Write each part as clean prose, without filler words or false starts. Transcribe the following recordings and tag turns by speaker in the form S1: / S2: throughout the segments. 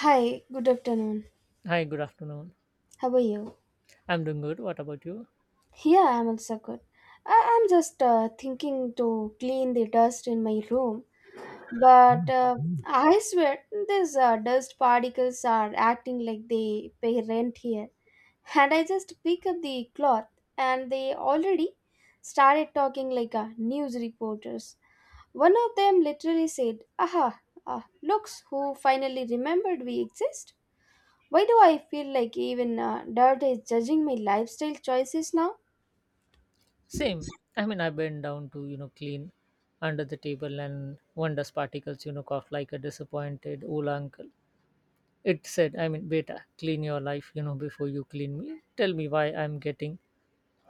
S1: Hi, good afternoon.
S2: Hi, good afternoon.
S1: How are you?
S2: I'm doing good. What about you?
S1: Yeah, I'm also good. I'm just thinking to clean the dust in my room, but I swear these dust particles are acting like they pay rent here. And I just pick up the cloth, and they already started talking like news reporters. One of them literally said, "Aha, ah, looks who finally remembered we exist." Why do I feel like even dirt is judging my lifestyle choices now?
S2: Same. I mean, I bent down to, clean under the table and one dust particles, coughed like a disappointed old uncle. It said, I mean, beta, clean your life, before you clean me. Tell me why I'm getting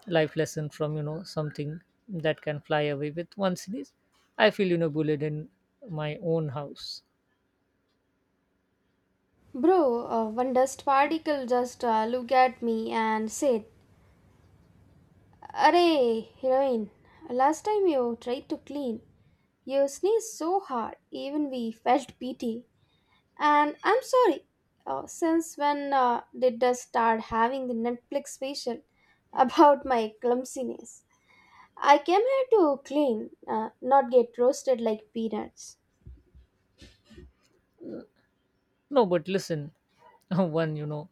S2: life lesson from, something that can fly away with one sneeze. I feel, bullied in my own house.
S1: Bro, one dust particle just looked at me and said, "Arey, heroine, last time you tried to clean, you sneezed so hard, even we felt pity." And I'm sorry, since when did dust start having the Netflix facial about my clumsiness? I came here to clean, not get roasted like peanuts.
S2: No, but listen, one,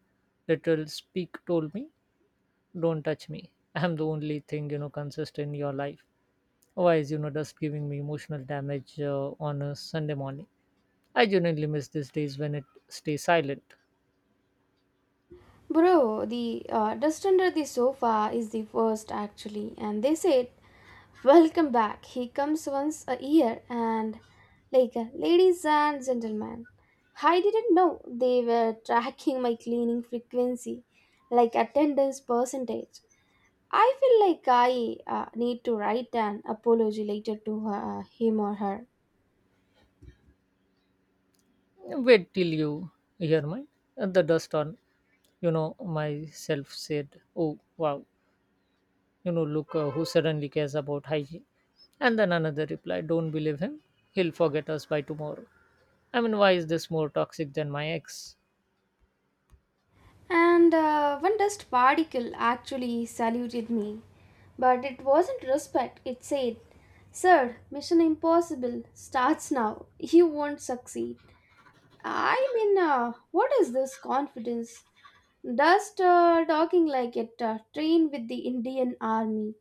S2: literal speak told me don't touch me. I'm the only thing consistent in your life. Why is just giving me emotional damage on a Sunday morning? I genuinely miss these days when it stays silent.
S1: Bro, the dust under the sofa is the worst actually, and they said, "Welcome back. He comes once a year," and like, ladies and gentlemen, I didn't know they were tracking my cleaning frequency, like attendance percentage. I feel like I need to write an apology later to him or her.
S2: Wait till you hear mine. And the dust on myself said, "Oh wow, look who suddenly cares about hygiene." And then another reply, "Don't believe him. He'll forget us by tomorrow." I mean, why is this more toxic than my ex?
S1: And one dust particle actually saluted me. But it wasn't respect, it said, "Sir, Mission Impossible starts now. You won't succeed." I mean, what is this confidence? Dust talking like it trained with the Indian Army.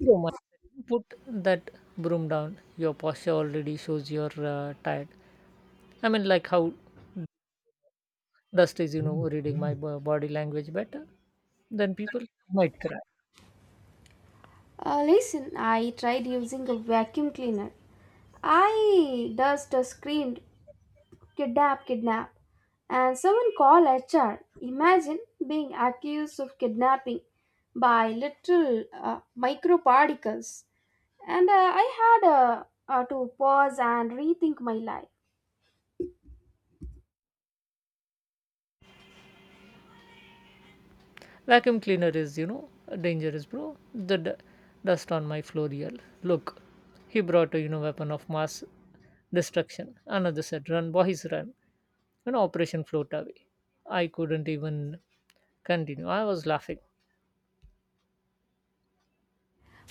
S2: Broom, I said. Put that broom down. Your posture already shows you're tired. I mean, like how dust is, reading my body language better, then people might cry.
S1: Listen, I tried using a vacuum cleaner. I dust screamed, "Kidnap, kidnap, and someone call HR." Imagine being accused of kidnapping by little microparticles. And I had to pause and rethink my life.
S2: Vacuum cleaner is, dangerous, bro. The dust on my floor, yell. Look, he brought a, weapon of mass destruction. Another said, run, boys, run. Operation Float Away. I couldn't even continue. I was laughing.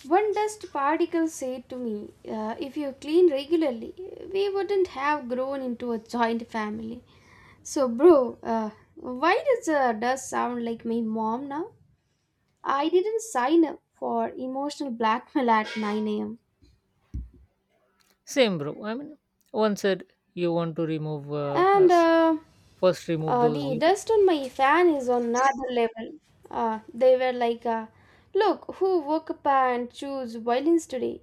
S1: One dust particle said to me, "If you clean regularly, we wouldn't have grown into a joint family." So, bro, why does dust sound like my mom now? I didn't sign up for emotional blackmail at 9 a.m.
S2: Same, bro. I mean, one said you want to remove
S1: And
S2: us. First, remove those.
S1: the dust on my fan is on another level. They were like, "Look, who woke up and chose violence today?"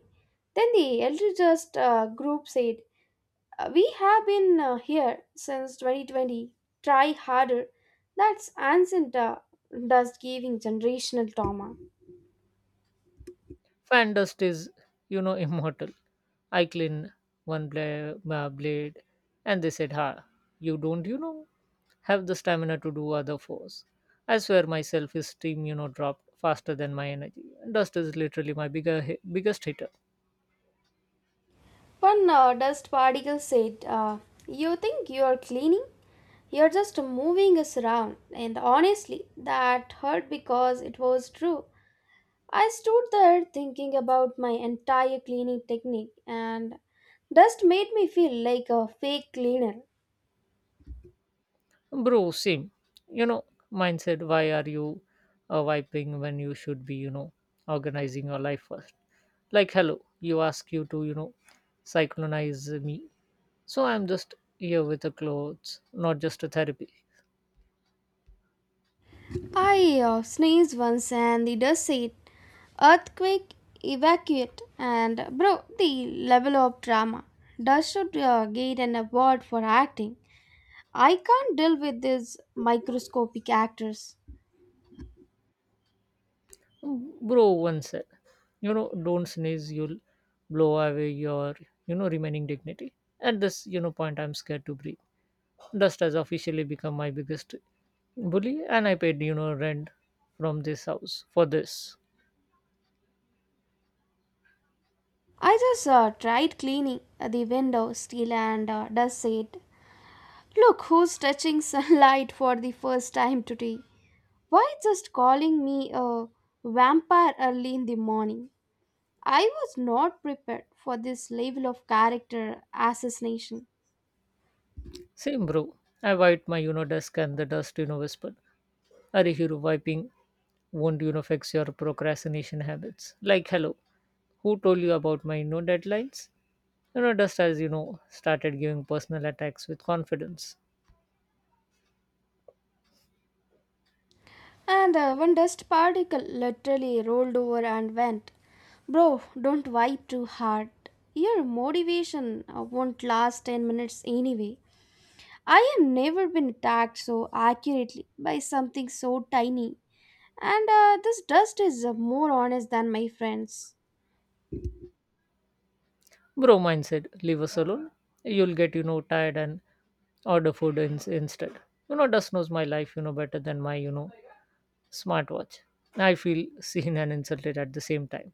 S1: Then the elder just group said, We have been here since 2020. Try harder." That's ancient dust giving generational trauma.
S2: Fan dust is, immortal. I clean one blade, and they said, "Ha, you don't, have the stamina to do other fours." I swear, my self steam, dropped faster than my energy. Dust is literally my biggest hitter,
S1: One dust particle said, "You think you are cleaning? You're just moving us around." And honestly, that hurt because it was true. I stood there thinking about my entire cleaning technique, and dust made me feel like a fake cleaner.
S2: bro. Same, you know, mine said, "Why are you wiping when you should be, organizing your life first?" Like, hello, you ask you to cyclonize me, so I'm just here with the clothes, not just a therapy.
S1: I sneezed once, and the dust said, "Earthquake, evacuate." And bro, the level of drama. Dust should get an award for acting. I can't deal with these microscopic actors.
S2: Bro, one said, don't sneeze, you'll blow away your remaining dignity. At this point, I'm scared to breathe. Dust has officially become my biggest bully, and I paid rent from this house for this.
S1: I just tried cleaning the window still and dust said, "Look who's touching sunlight for the first time today." Why just calling me a vampire early in the morning? I was not prepared for this level of character assassination.
S2: Same, bro. I wiped my, desk and the dust, whispered. Are hero wiping won't, fix your procrastination habits. Like, hello, who told you about my, deadlines? Dust has, started giving personal attacks with confidence.
S1: And one dust particle literally rolled over and went, "Bro, don't wipe too hard. Your motivation won't last 10 minutes anyway." I have never been attacked so accurately by something so tiny, and this dust is more honest than my friends.
S2: Bro, mine said, leave us alone. You'll get, tired and order food instead. Dust knows my life, better than my, smartwatch. I feel seen and insulted at the same time.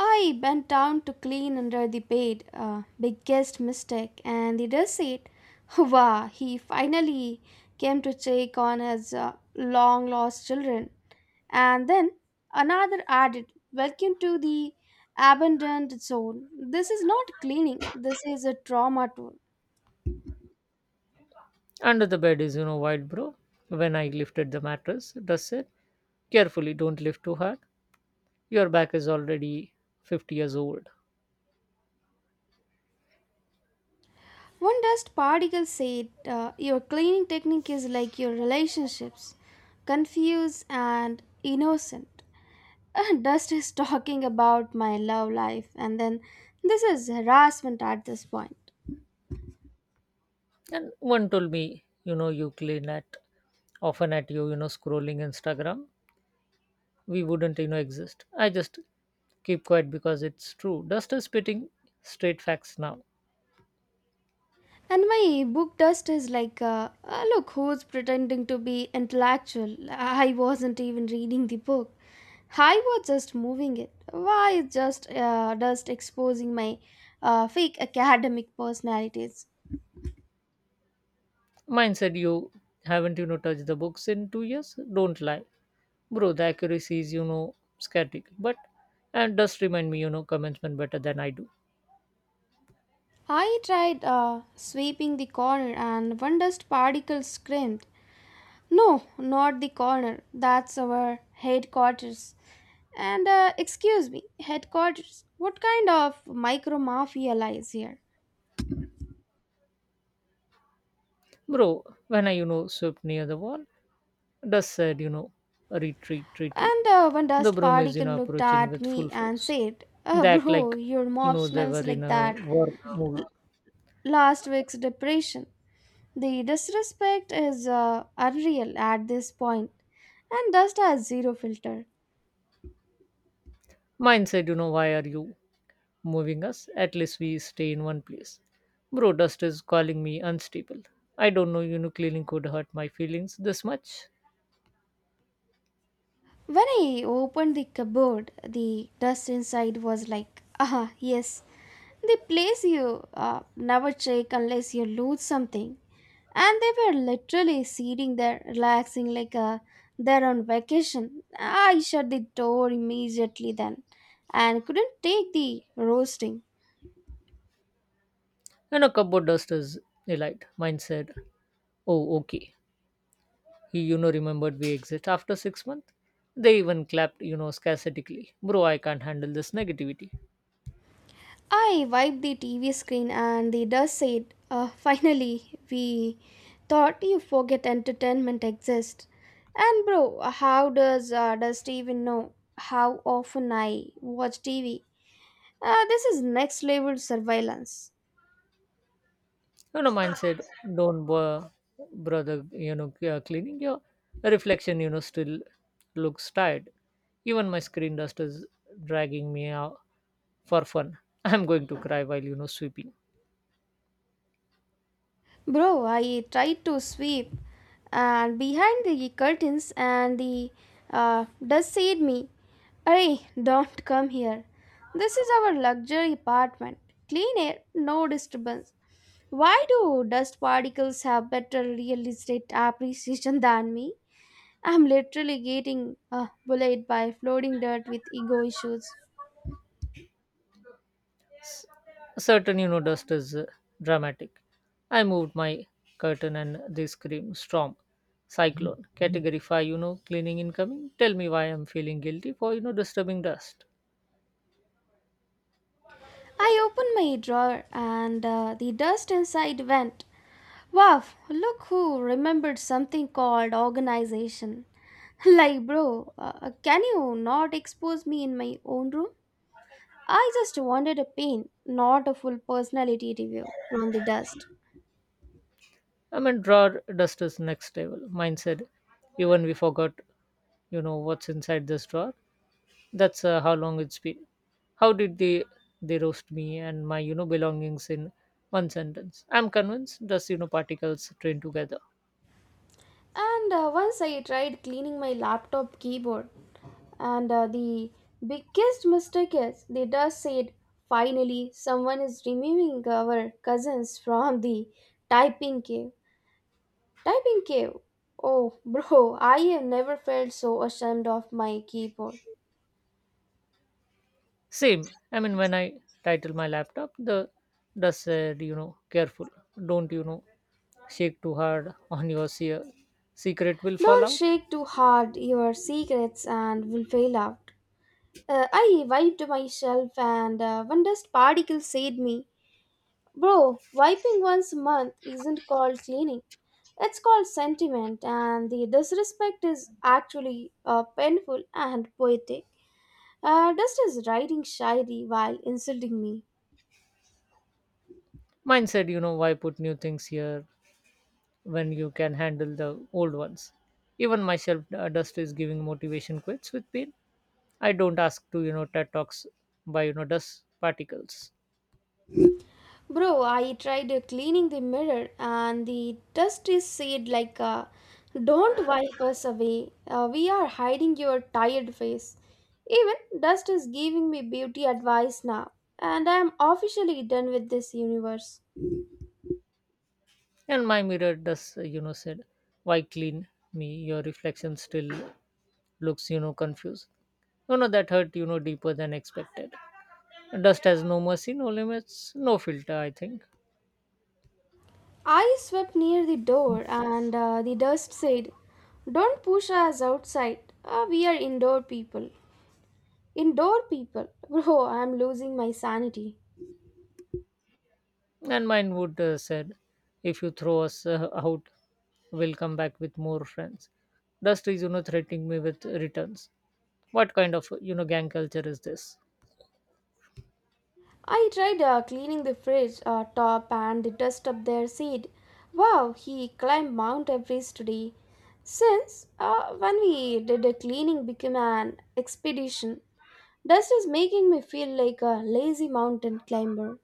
S1: I bent down to clean under the bed, biggest mistake, and the dust said, "Wow, he finally came to check on his long lost children." And then another added, "Welcome to the abandoned zone. This is not cleaning, this is a trauma tour."
S2: Under the bed is, wide, bro. When I lifted the mattress, Russ said, carefully, don't lift too hard. Your back is already 50 years old.
S1: One dust particle said, "Your cleaning technique is like your relationships, confused and innocent." And dust is talking about my love life, and then this is harassment at this point.
S2: And one told me, you clean at often at you, scrolling Instagram. We wouldn't, exist. I just keep quiet because it's true. Dust is spitting straight facts now.
S1: And my book dust is like, "Look who's pretending to be intellectual." I wasn't even reading the book. I was just moving it. Why is just dust exposing my fake academic personalities?
S2: Mine said, you haven't, touched the books in 2 years? Don't lie. Bro, the accuracy is, skeptical. But, and dust remind me, commencement better than I do.
S1: I tried sweeping the corner and one dust particle screamed, "No, not the corner, that's our headquarters." And excuse me, headquarters, what kind of micro mafia lies here?
S2: Bro, when I, swept near the wall, dust said, retreat, retreat.
S1: And one
S2: The
S1: dust
S2: broom is,
S1: particle looked
S2: approaching
S1: at
S2: with
S1: me
S2: full
S1: and
S2: force.
S1: said,
S2: They act
S1: "Bro,
S2: like,
S1: your mop
S2: they
S1: smells
S2: were in
S1: like
S2: a
S1: that
S2: war movie.
S1: last week's depression." The disrespect is unreal at this point, and dust has zero filter.
S2: Mine said, why are you moving us. At least we stay in one place. Bro, dust is calling me unstable. I don't know, cleaning could hurt my feelings this much.
S1: When I opened the cupboard, the dust inside was like, "Ah, yes, the place you never check unless you lose something." And they were literally sitting there, relaxing like they're on vacation. I shut the door immediately then and couldn't take the roasting.
S2: And a cupboard dust is elite. Mine said, oh, okay. He, remembered we exit after 6 months. They even clapped, scarcetically. Bro, I can't handle this negativity.
S1: I wiped the TV screen and the dust said, "Finally, we thought you forget entertainment exists." And bro, how does dust even know how often I watch TV? This is next level surveillance.
S2: Mine said, don't bother, brother, cleaning your reflection, still looks tired. Even my screen dust is dragging me out for fun. I'm going to cry while sweeping.
S1: Bro, I tried to sweep and behind the curtains and the dust said me, "Hey, don't come here. This is our luxury apartment. Clean air, no disturbance." Why do dust particles have better real estate appreciation than me? I'm literally getting bullied by floating dirt with ego issues.
S2: Certain dust is dramatic. I moved my curtain and they scream storm, cyclone, category 5. Cleaning incoming. Tell me why I'm feeling guilty for disturbing dust.
S1: I opened my drawer and the dust inside went, "Wow, look who remembered something called organization." Like, bro, can you not expose me in my own room? I just wanted a pain, not a full personality review from the dust.
S2: I mean, drawer dust is next level. Mine said, even we forgot what's inside this drawer. That's how long it's been. How did they roast me and my belongings in one sentence? I'm convinced dust particles train together.
S1: And once I tried cleaning my laptop keyboard, and the biggest mistake is the dust said, "Finally, someone is removing our cousins from the typing cave." Typing cave. Oh, bro, I have never felt so ashamed of my keyboard.
S2: Same. I mean, when I title my laptop, the does said, careful. Don't, shake too hard on your secret will fall
S1: "Don't
S2: out.
S1: shake too hard your secrets and will fail out." I wiped myself and one dust particle saved me. "Bro, wiping once a month isn't called cleaning. It's called sentiment," and the disrespect is actually painful and poetic. Dust is writing shayari while insulting me.
S2: Mine said, why put new things here when you can handle the old ones? Even my shelf dust is giving motivation quits with pain. I don't ask to, TED Talks by, dust particles.
S1: Bro, I tried cleaning the mirror and the dust is said like, "Don't wipe us away. We are hiding your tired face." Even dust is giving me beauty advice now, and I am officially done with this universe.
S2: And my mirror does, said, why clean me? Your reflection still looks, confused. That hurt, deeper than expected. Dust has no mercy, no limits, no filter, I think.
S1: I swept near the door and the dust said, "Don't push us outside. We are indoor people." Indoor people? Bro, I am losing my sanity.
S2: And mine would said, if you throw us out, we'll come back with more friends. Dust is, threatening me with returns. What kind of, gang culture is this?
S1: I tried cleaning the fridge top and the dust up there seed, "Wow, he climbed Mount Everest today." Since when we did a cleaning became an expedition, dust is making me feel like a lazy mountain climber.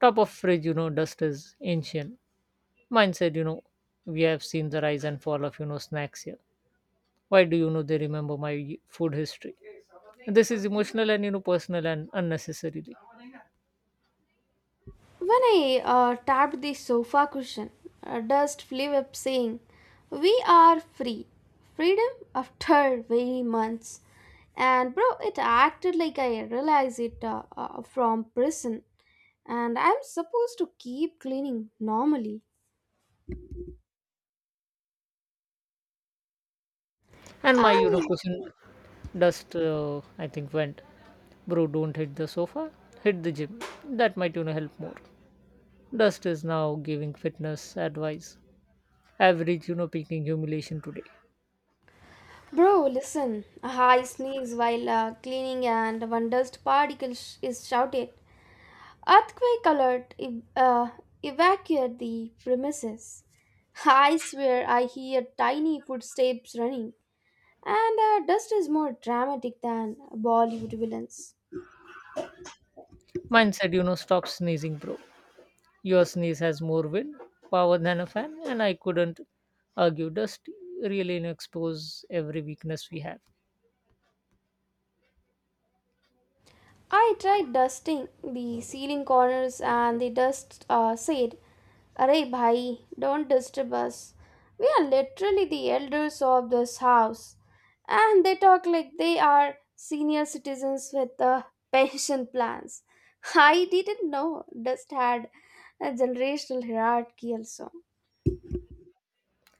S2: Top of fridge, dust is ancient. Mine said, we have seen the rise and fall of, snacks here. Why do they remember my food history? This is emotional and personal and unnecessarily.
S1: When I tapped the sofa cushion, dust flew up saying, "We are free. Freedom after very months." And bro, it acted like I realized it from prison, and I'm supposed to keep cleaning normally.
S2: And my
S1: I,
S2: cushion dust I think went. Bro, don't hit the sofa. Hit the gym. That might help more. Dust is now giving fitness advice. Average peaking humiliation today.
S1: Bro, listen. A high sneeze while cleaning and one dust particle sh- is shouted, "Earthquake alert! Evacuate the premises." I swear I hear tiny footsteps running, and dust is more dramatic than Bollywood villains.
S2: Mine said stop sneezing, bro. Your sneeze has more wind power than a fan, and I couldn't argue. Dust really expose every weakness we have.
S1: I tried dusting the ceiling corners, and the dust said, "Arey bhai, don't disturb us. We are literally the elders of this house." And they talk like they are senior citizens with pension plans. I didn't know Dust had a generational hierarchy also.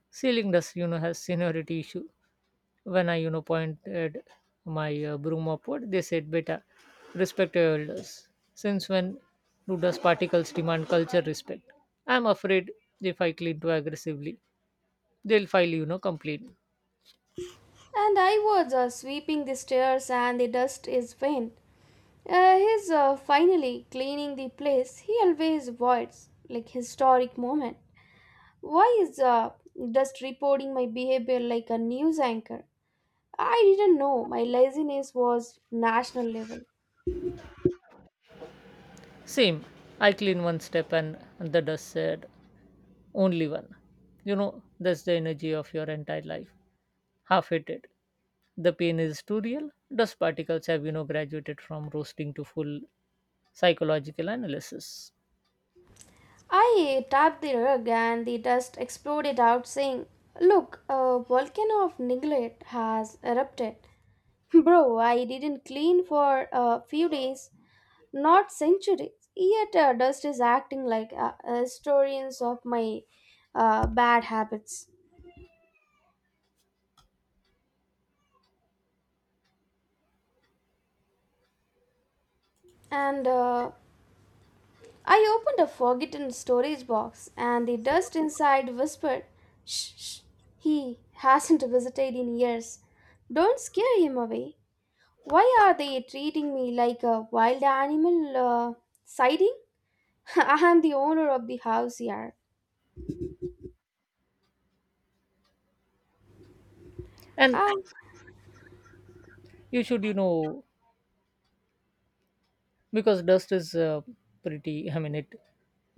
S2: Ceiling dust, has seniority issue. When I, pointed my broom upward, they said, "Beta, respect your elders." Since when do dust particles demand culture respect? I'm afraid if I clean too aggressively, they'll file, complaint.
S1: And I was sweeping the stairs and the dust is faint. "Uh, he's finally cleaning the place he always avoids," like historic moment. Why is just reporting my behavior like a news anchor? I didn't know my laziness was national level.
S2: Same, I clean one step and the dust said, "Only one." That's the energy of your entire life. Half hated. The pain is too real. Dust particles have, graduated from roasting to full psychological analysis.
S1: I tapped the rug and the dust exploded out, saying, "Look, a volcano of neglect has erupted." Bro, I didn't clean for a few days, not centuries. Yet, dust is acting like historians of my bad habits. And I opened a forgotten storage box, and the dust inside whispered, "Shh, shh, he hasn't visited in years. Don't scare him away." Why are they treating me like a wild animal siding? I am the owner of the house here.
S2: And
S1: I,
S2: you should, because dust is pretty, I mean, it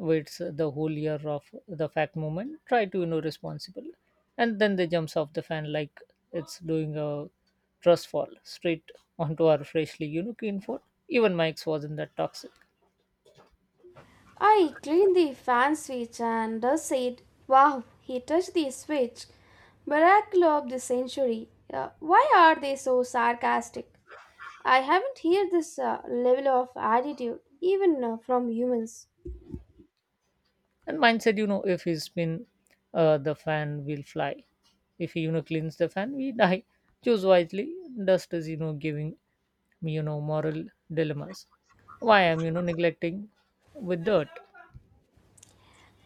S2: waits the whole year of the fact movement try to responsible, and then they jumps off the fan like it's doing a trust fall straight onto our freshly clean floor. Even Mike's wasn't that toxic.
S1: I cleaned the fan switch and dust said, "Wow, he touched the switch. Miracle of the century." Why are they so sarcastic? I haven't heard this level of attitude even from humans.
S2: And mine said, if he spin the fan will fly, if he cleans the fan we die. Choose wisely. Dust is giving me moral dilemmas. Why I'm neglecting with dirt.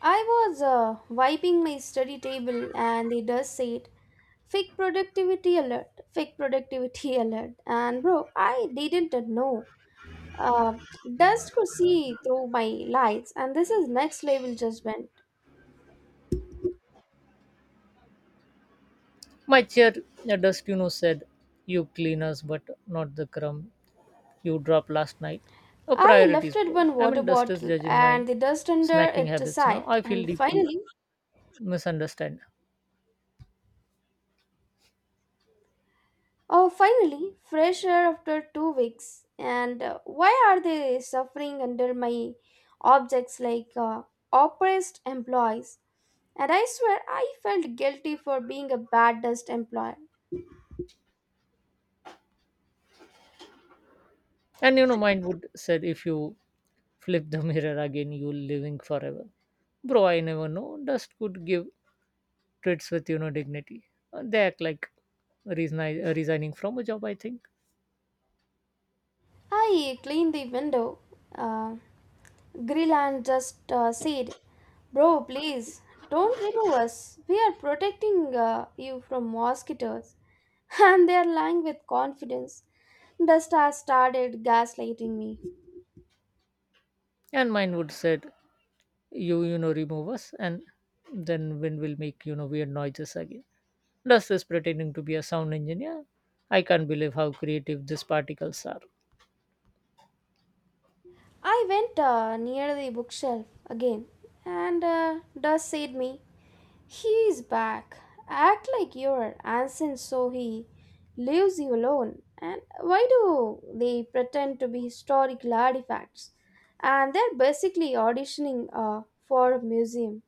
S1: I was wiping my study table and the dust said, "Fake productivity alert, fake productivity alert." And bro, I didn't know. Uh, dust could see through my lights, and this is next level judgment.
S2: My chair, a Dustino said, you clean us, but not the crumb you dropped last night. A
S1: I
S2: priorities,
S1: lifted
S2: bro.
S1: one
S2: I
S1: water
S2: mean, dust is
S1: bottle
S2: judging my
S1: and the dust under
S2: snacking
S1: it
S2: habits now.
S1: aside,
S2: I feel
S1: and,
S2: deeply
S1: "Finally,
S2: misunderstood.
S1: oh, finally, fresh air after 2 weeks." And why are they suffering under my objects like oppressed employees? And I swear I felt guilty for being a bad dust employer.
S2: And mine would said, if you flip the mirror again, you'll living forever. Bro, I never know. Dust could give treats with, dignity. They act like resigning from a job, I think.
S1: I cleaned the window, uh, grill, and just said, "Bro, please don't remove us. We are protecting you from mosquitoes." And they are lying with confidence. Dust has started gaslighting me.
S2: And mine would said, you know remove us and then when we'll make weird noises again. Does this pretending to be a sound engineer. I can't believe how creative these particles are.
S1: I went near the bookshelf again, and Dust said me, "He is back." Act like you're ancient so he leaves you alone. And why do they pretend to be historical artifacts? And they're basically auditioning for a museum.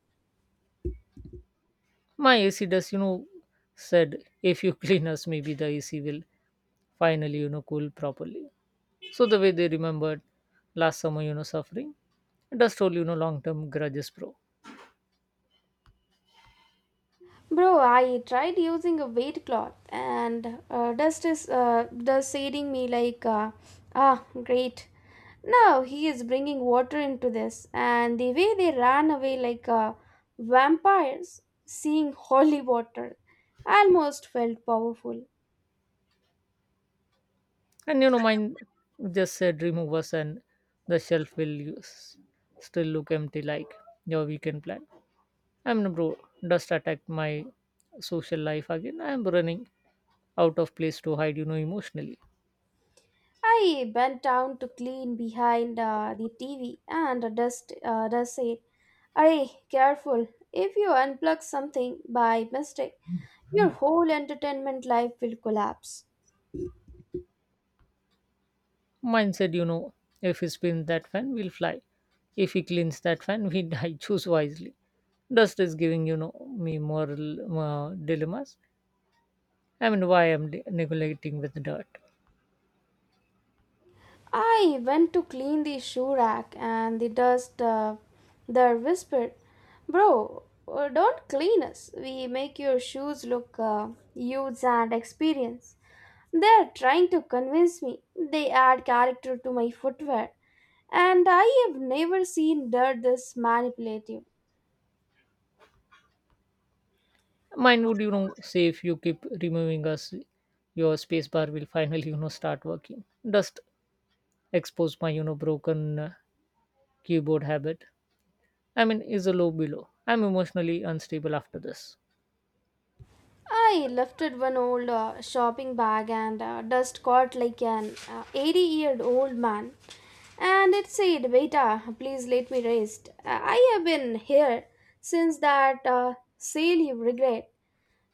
S2: My AC does said, if you clean us maybe the AC will finally cool properly. So the way they remembered last summer suffering. Does told long term grudges pro.
S1: Bro, I tried using a weight cloth and Dust saying me like, great. Now he is bringing water into this, and the way they ran away like vampires, seeing holy water, almost felt powerful.
S2: And mine just said, remove us and the shelf will use, still look empty like your weekend plan. I'm no bro. Dust attacked my social life again. I'm running out of place to hide, emotionally.
S1: I bent down to clean behind the TV, and a dust dust said, "Arey, careful! If you unplug something by mistake, your whole entertainment life will collapse."
S2: Mine said, if he spins that fan, we'll fly. If he cleans that fan, we die. Choose wisely. Dust is giving, me moral dilemmas. I mean, why I'm neglecting with dirt.
S1: I went to clean the shoe rack and the dust there whispered, Bro, don't clean us. We make your shoes look used and experienced. They're trying to convince me. They add character to my footwear. And I have never seen dirt this manipulative.
S2: Mine would, say if you keep removing us, your spacebar will finally, start working. Dust expose my, broken keyboard habit. I mean, is a low below. I'm emotionally unstable after this.
S1: I lifted one old shopping bag and dust caught like an 80-year-old man. And it said, Beta, please let me rest. I have been here since that sale you regret.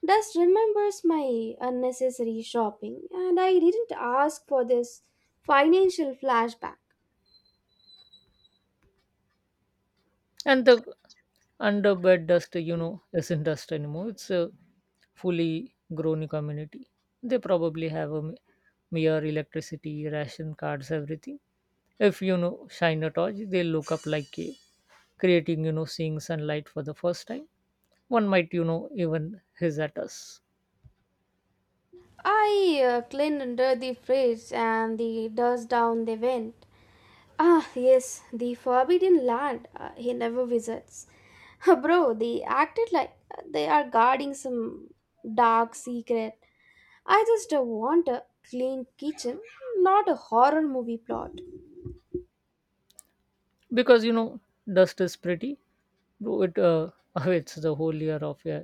S1: Dust remembers my unnecessary shopping, and I didn't ask for this financial flashback.
S2: And the underbed dust, isn't dust anymore. It's a fully grown community. They probably have a mere electricity, ration cards, everything. If shine a torch, they look up like cave, creating seeing sunlight for the first time. One might even hiss at us
S1: I cleaned under the fridge and the dust down they went. Ah, yes, the forbidden land he never visits. Bro, they acted like they are guarding some dark secret. I just want a clean kitchen, not a horror movie plot.
S2: because dust is pretty. Bro, it awaits the whole year of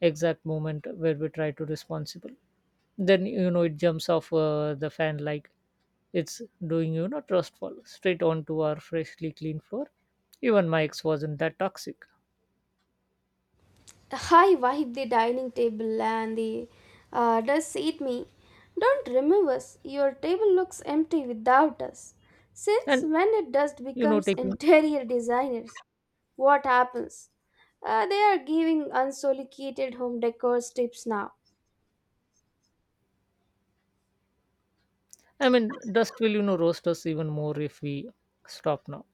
S2: exact moment where we try to responsible. Then it jumps off the fan like it's doing trustful straight onto our freshly clean floor. Even my ex wasn't that toxic,
S1: I wiped the dining table and the dust ate me. Don't remove us. Your table looks empty without us. Since
S2: and
S1: when did dust becomes
S2: taking.
S1: interior designers? What happens? They are giving unsolicited home decor tips now.
S2: I mean, dust will roast us even more if we stop now.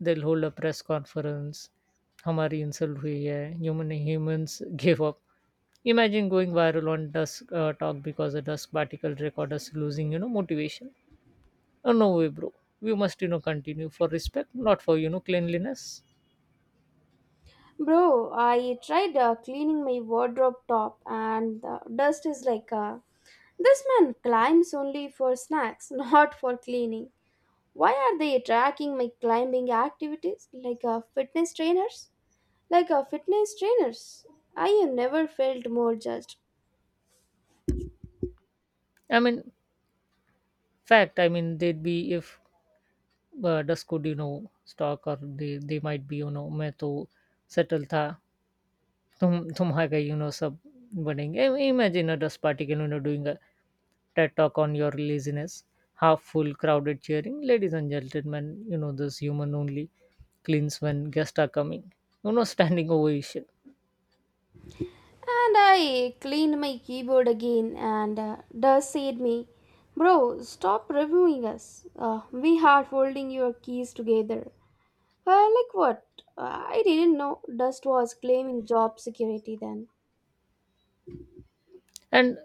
S2: They'll hold a press conference. हमारी insult हुई है human humans give up. Imagine going viral on dusk talk because a dusk particle record us losing motivation. Oh no way, bro. We must continue for respect, not for cleanliness.
S1: Bro, I tried cleaning my wardrobe top and the dust is like, this man climbs only for snacks, not for cleaning. Why are they tracking my climbing activities like fitness trainers? Like fitness trainers, I have never felt more judged.
S2: I mean, fact, I mean, they'd be if dusk could stalk, or they might be मैं तो settle था तुम Tumhaga, sub budding. Imagine a dust particle, doing a TED talk on your laziness. Half full, crowded, cheering. Ladies and gentlemen, this human only cleans when guests are coming. Standing ovation.
S1: And I cleaned my keyboard again, and Dust said me, Bro, stop reviewing us. We are holding your keys together. Like what? I didn't know Dust was claiming job security then.
S2: And,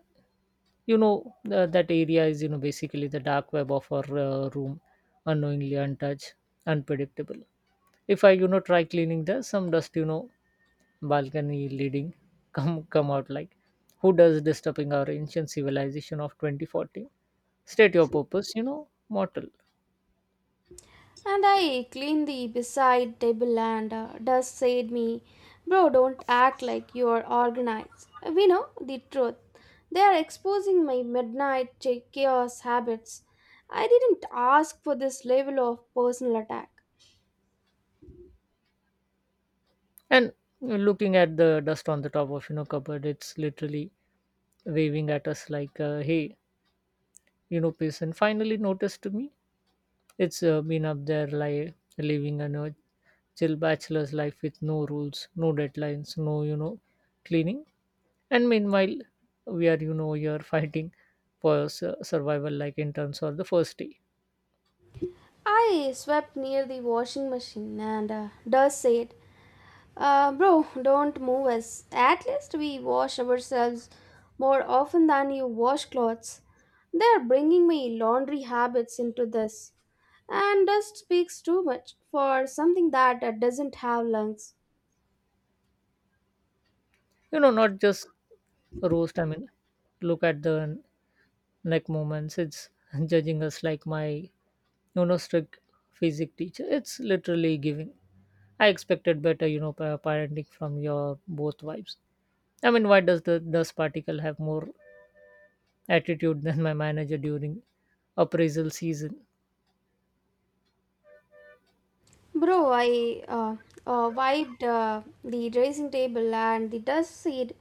S2: that area is, basically the dark web of our room, unknowingly untouched, unpredictable. If I, try cleaning there, some dust, balcony leading come out like who does disturbing our ancient civilization of 2040. State your purpose, mortal.
S1: And I cleaned the beside table and dust said me, bro, don't act like you're organized. We know the truth. They are exposing my midnight chaos habits. I didn't ask for this level of personal attack.
S2: And looking at the dust on the top of cupboard, it's literally waving at us like hey, patient finally noticed me. It's been up there like living a chill bachelor's life, with no rules, no deadlines, no cleaning. And meanwhile, we are you know you're fighting for survival like interns or the first day.
S1: I swept near the washing machine and dust said, bro, don't move us. At least we wash ourselves more often than you wash clothes. They are bringing my laundry habits into this. And dust speaks too much for something that doesn't have lungs.
S2: Not just roast, I mean, look at the neck movements. It's judging us like my strict physics teacher. It's literally giving, I expected better parenting from your both vibes. I mean, why does the dust particle have more attitude than my manager during appraisal season?
S1: Bro, I wiped the dressing table and the dust said,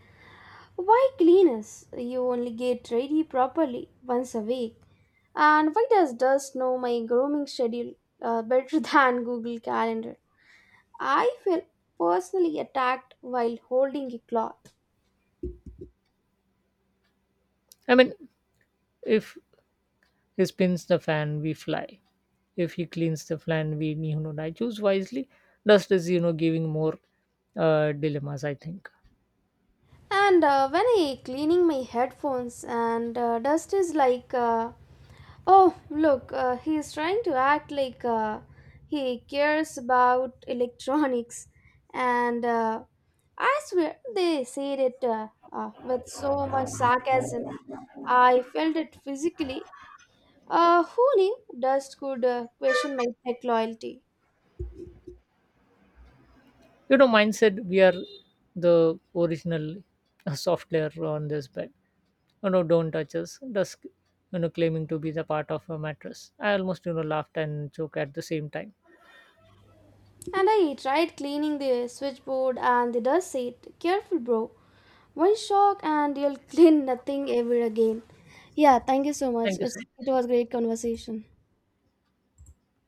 S1: Why clean us? You only get ready properly once a week. And why does dust know my grooming schedule better than Google Calendar? I felt personally attacked while holding a cloth.
S2: I mean, if he spins the fan we fly, if he cleans the fan we I choose wisely. Dust is giving more dilemmas, I think.
S1: And when I cleaning my headphones and dust is like, oh look, he is trying to act like he cares about electronics, and I swear they said it with so much sarcasm. I felt it physically. Who knew dust could question my tech loyalty?
S2: Mine said, we are the original software on this bed. Don't touch us. Does claiming to be the part of a mattress, I almost laughed and choked at the same time.
S1: And I tried cleaning the switchboard and the dust seat. Careful, bro. One shock and you'll clean nothing ever again. Yeah, thank you so
S2: Thank
S1: much.
S2: you so
S1: It was great conversation.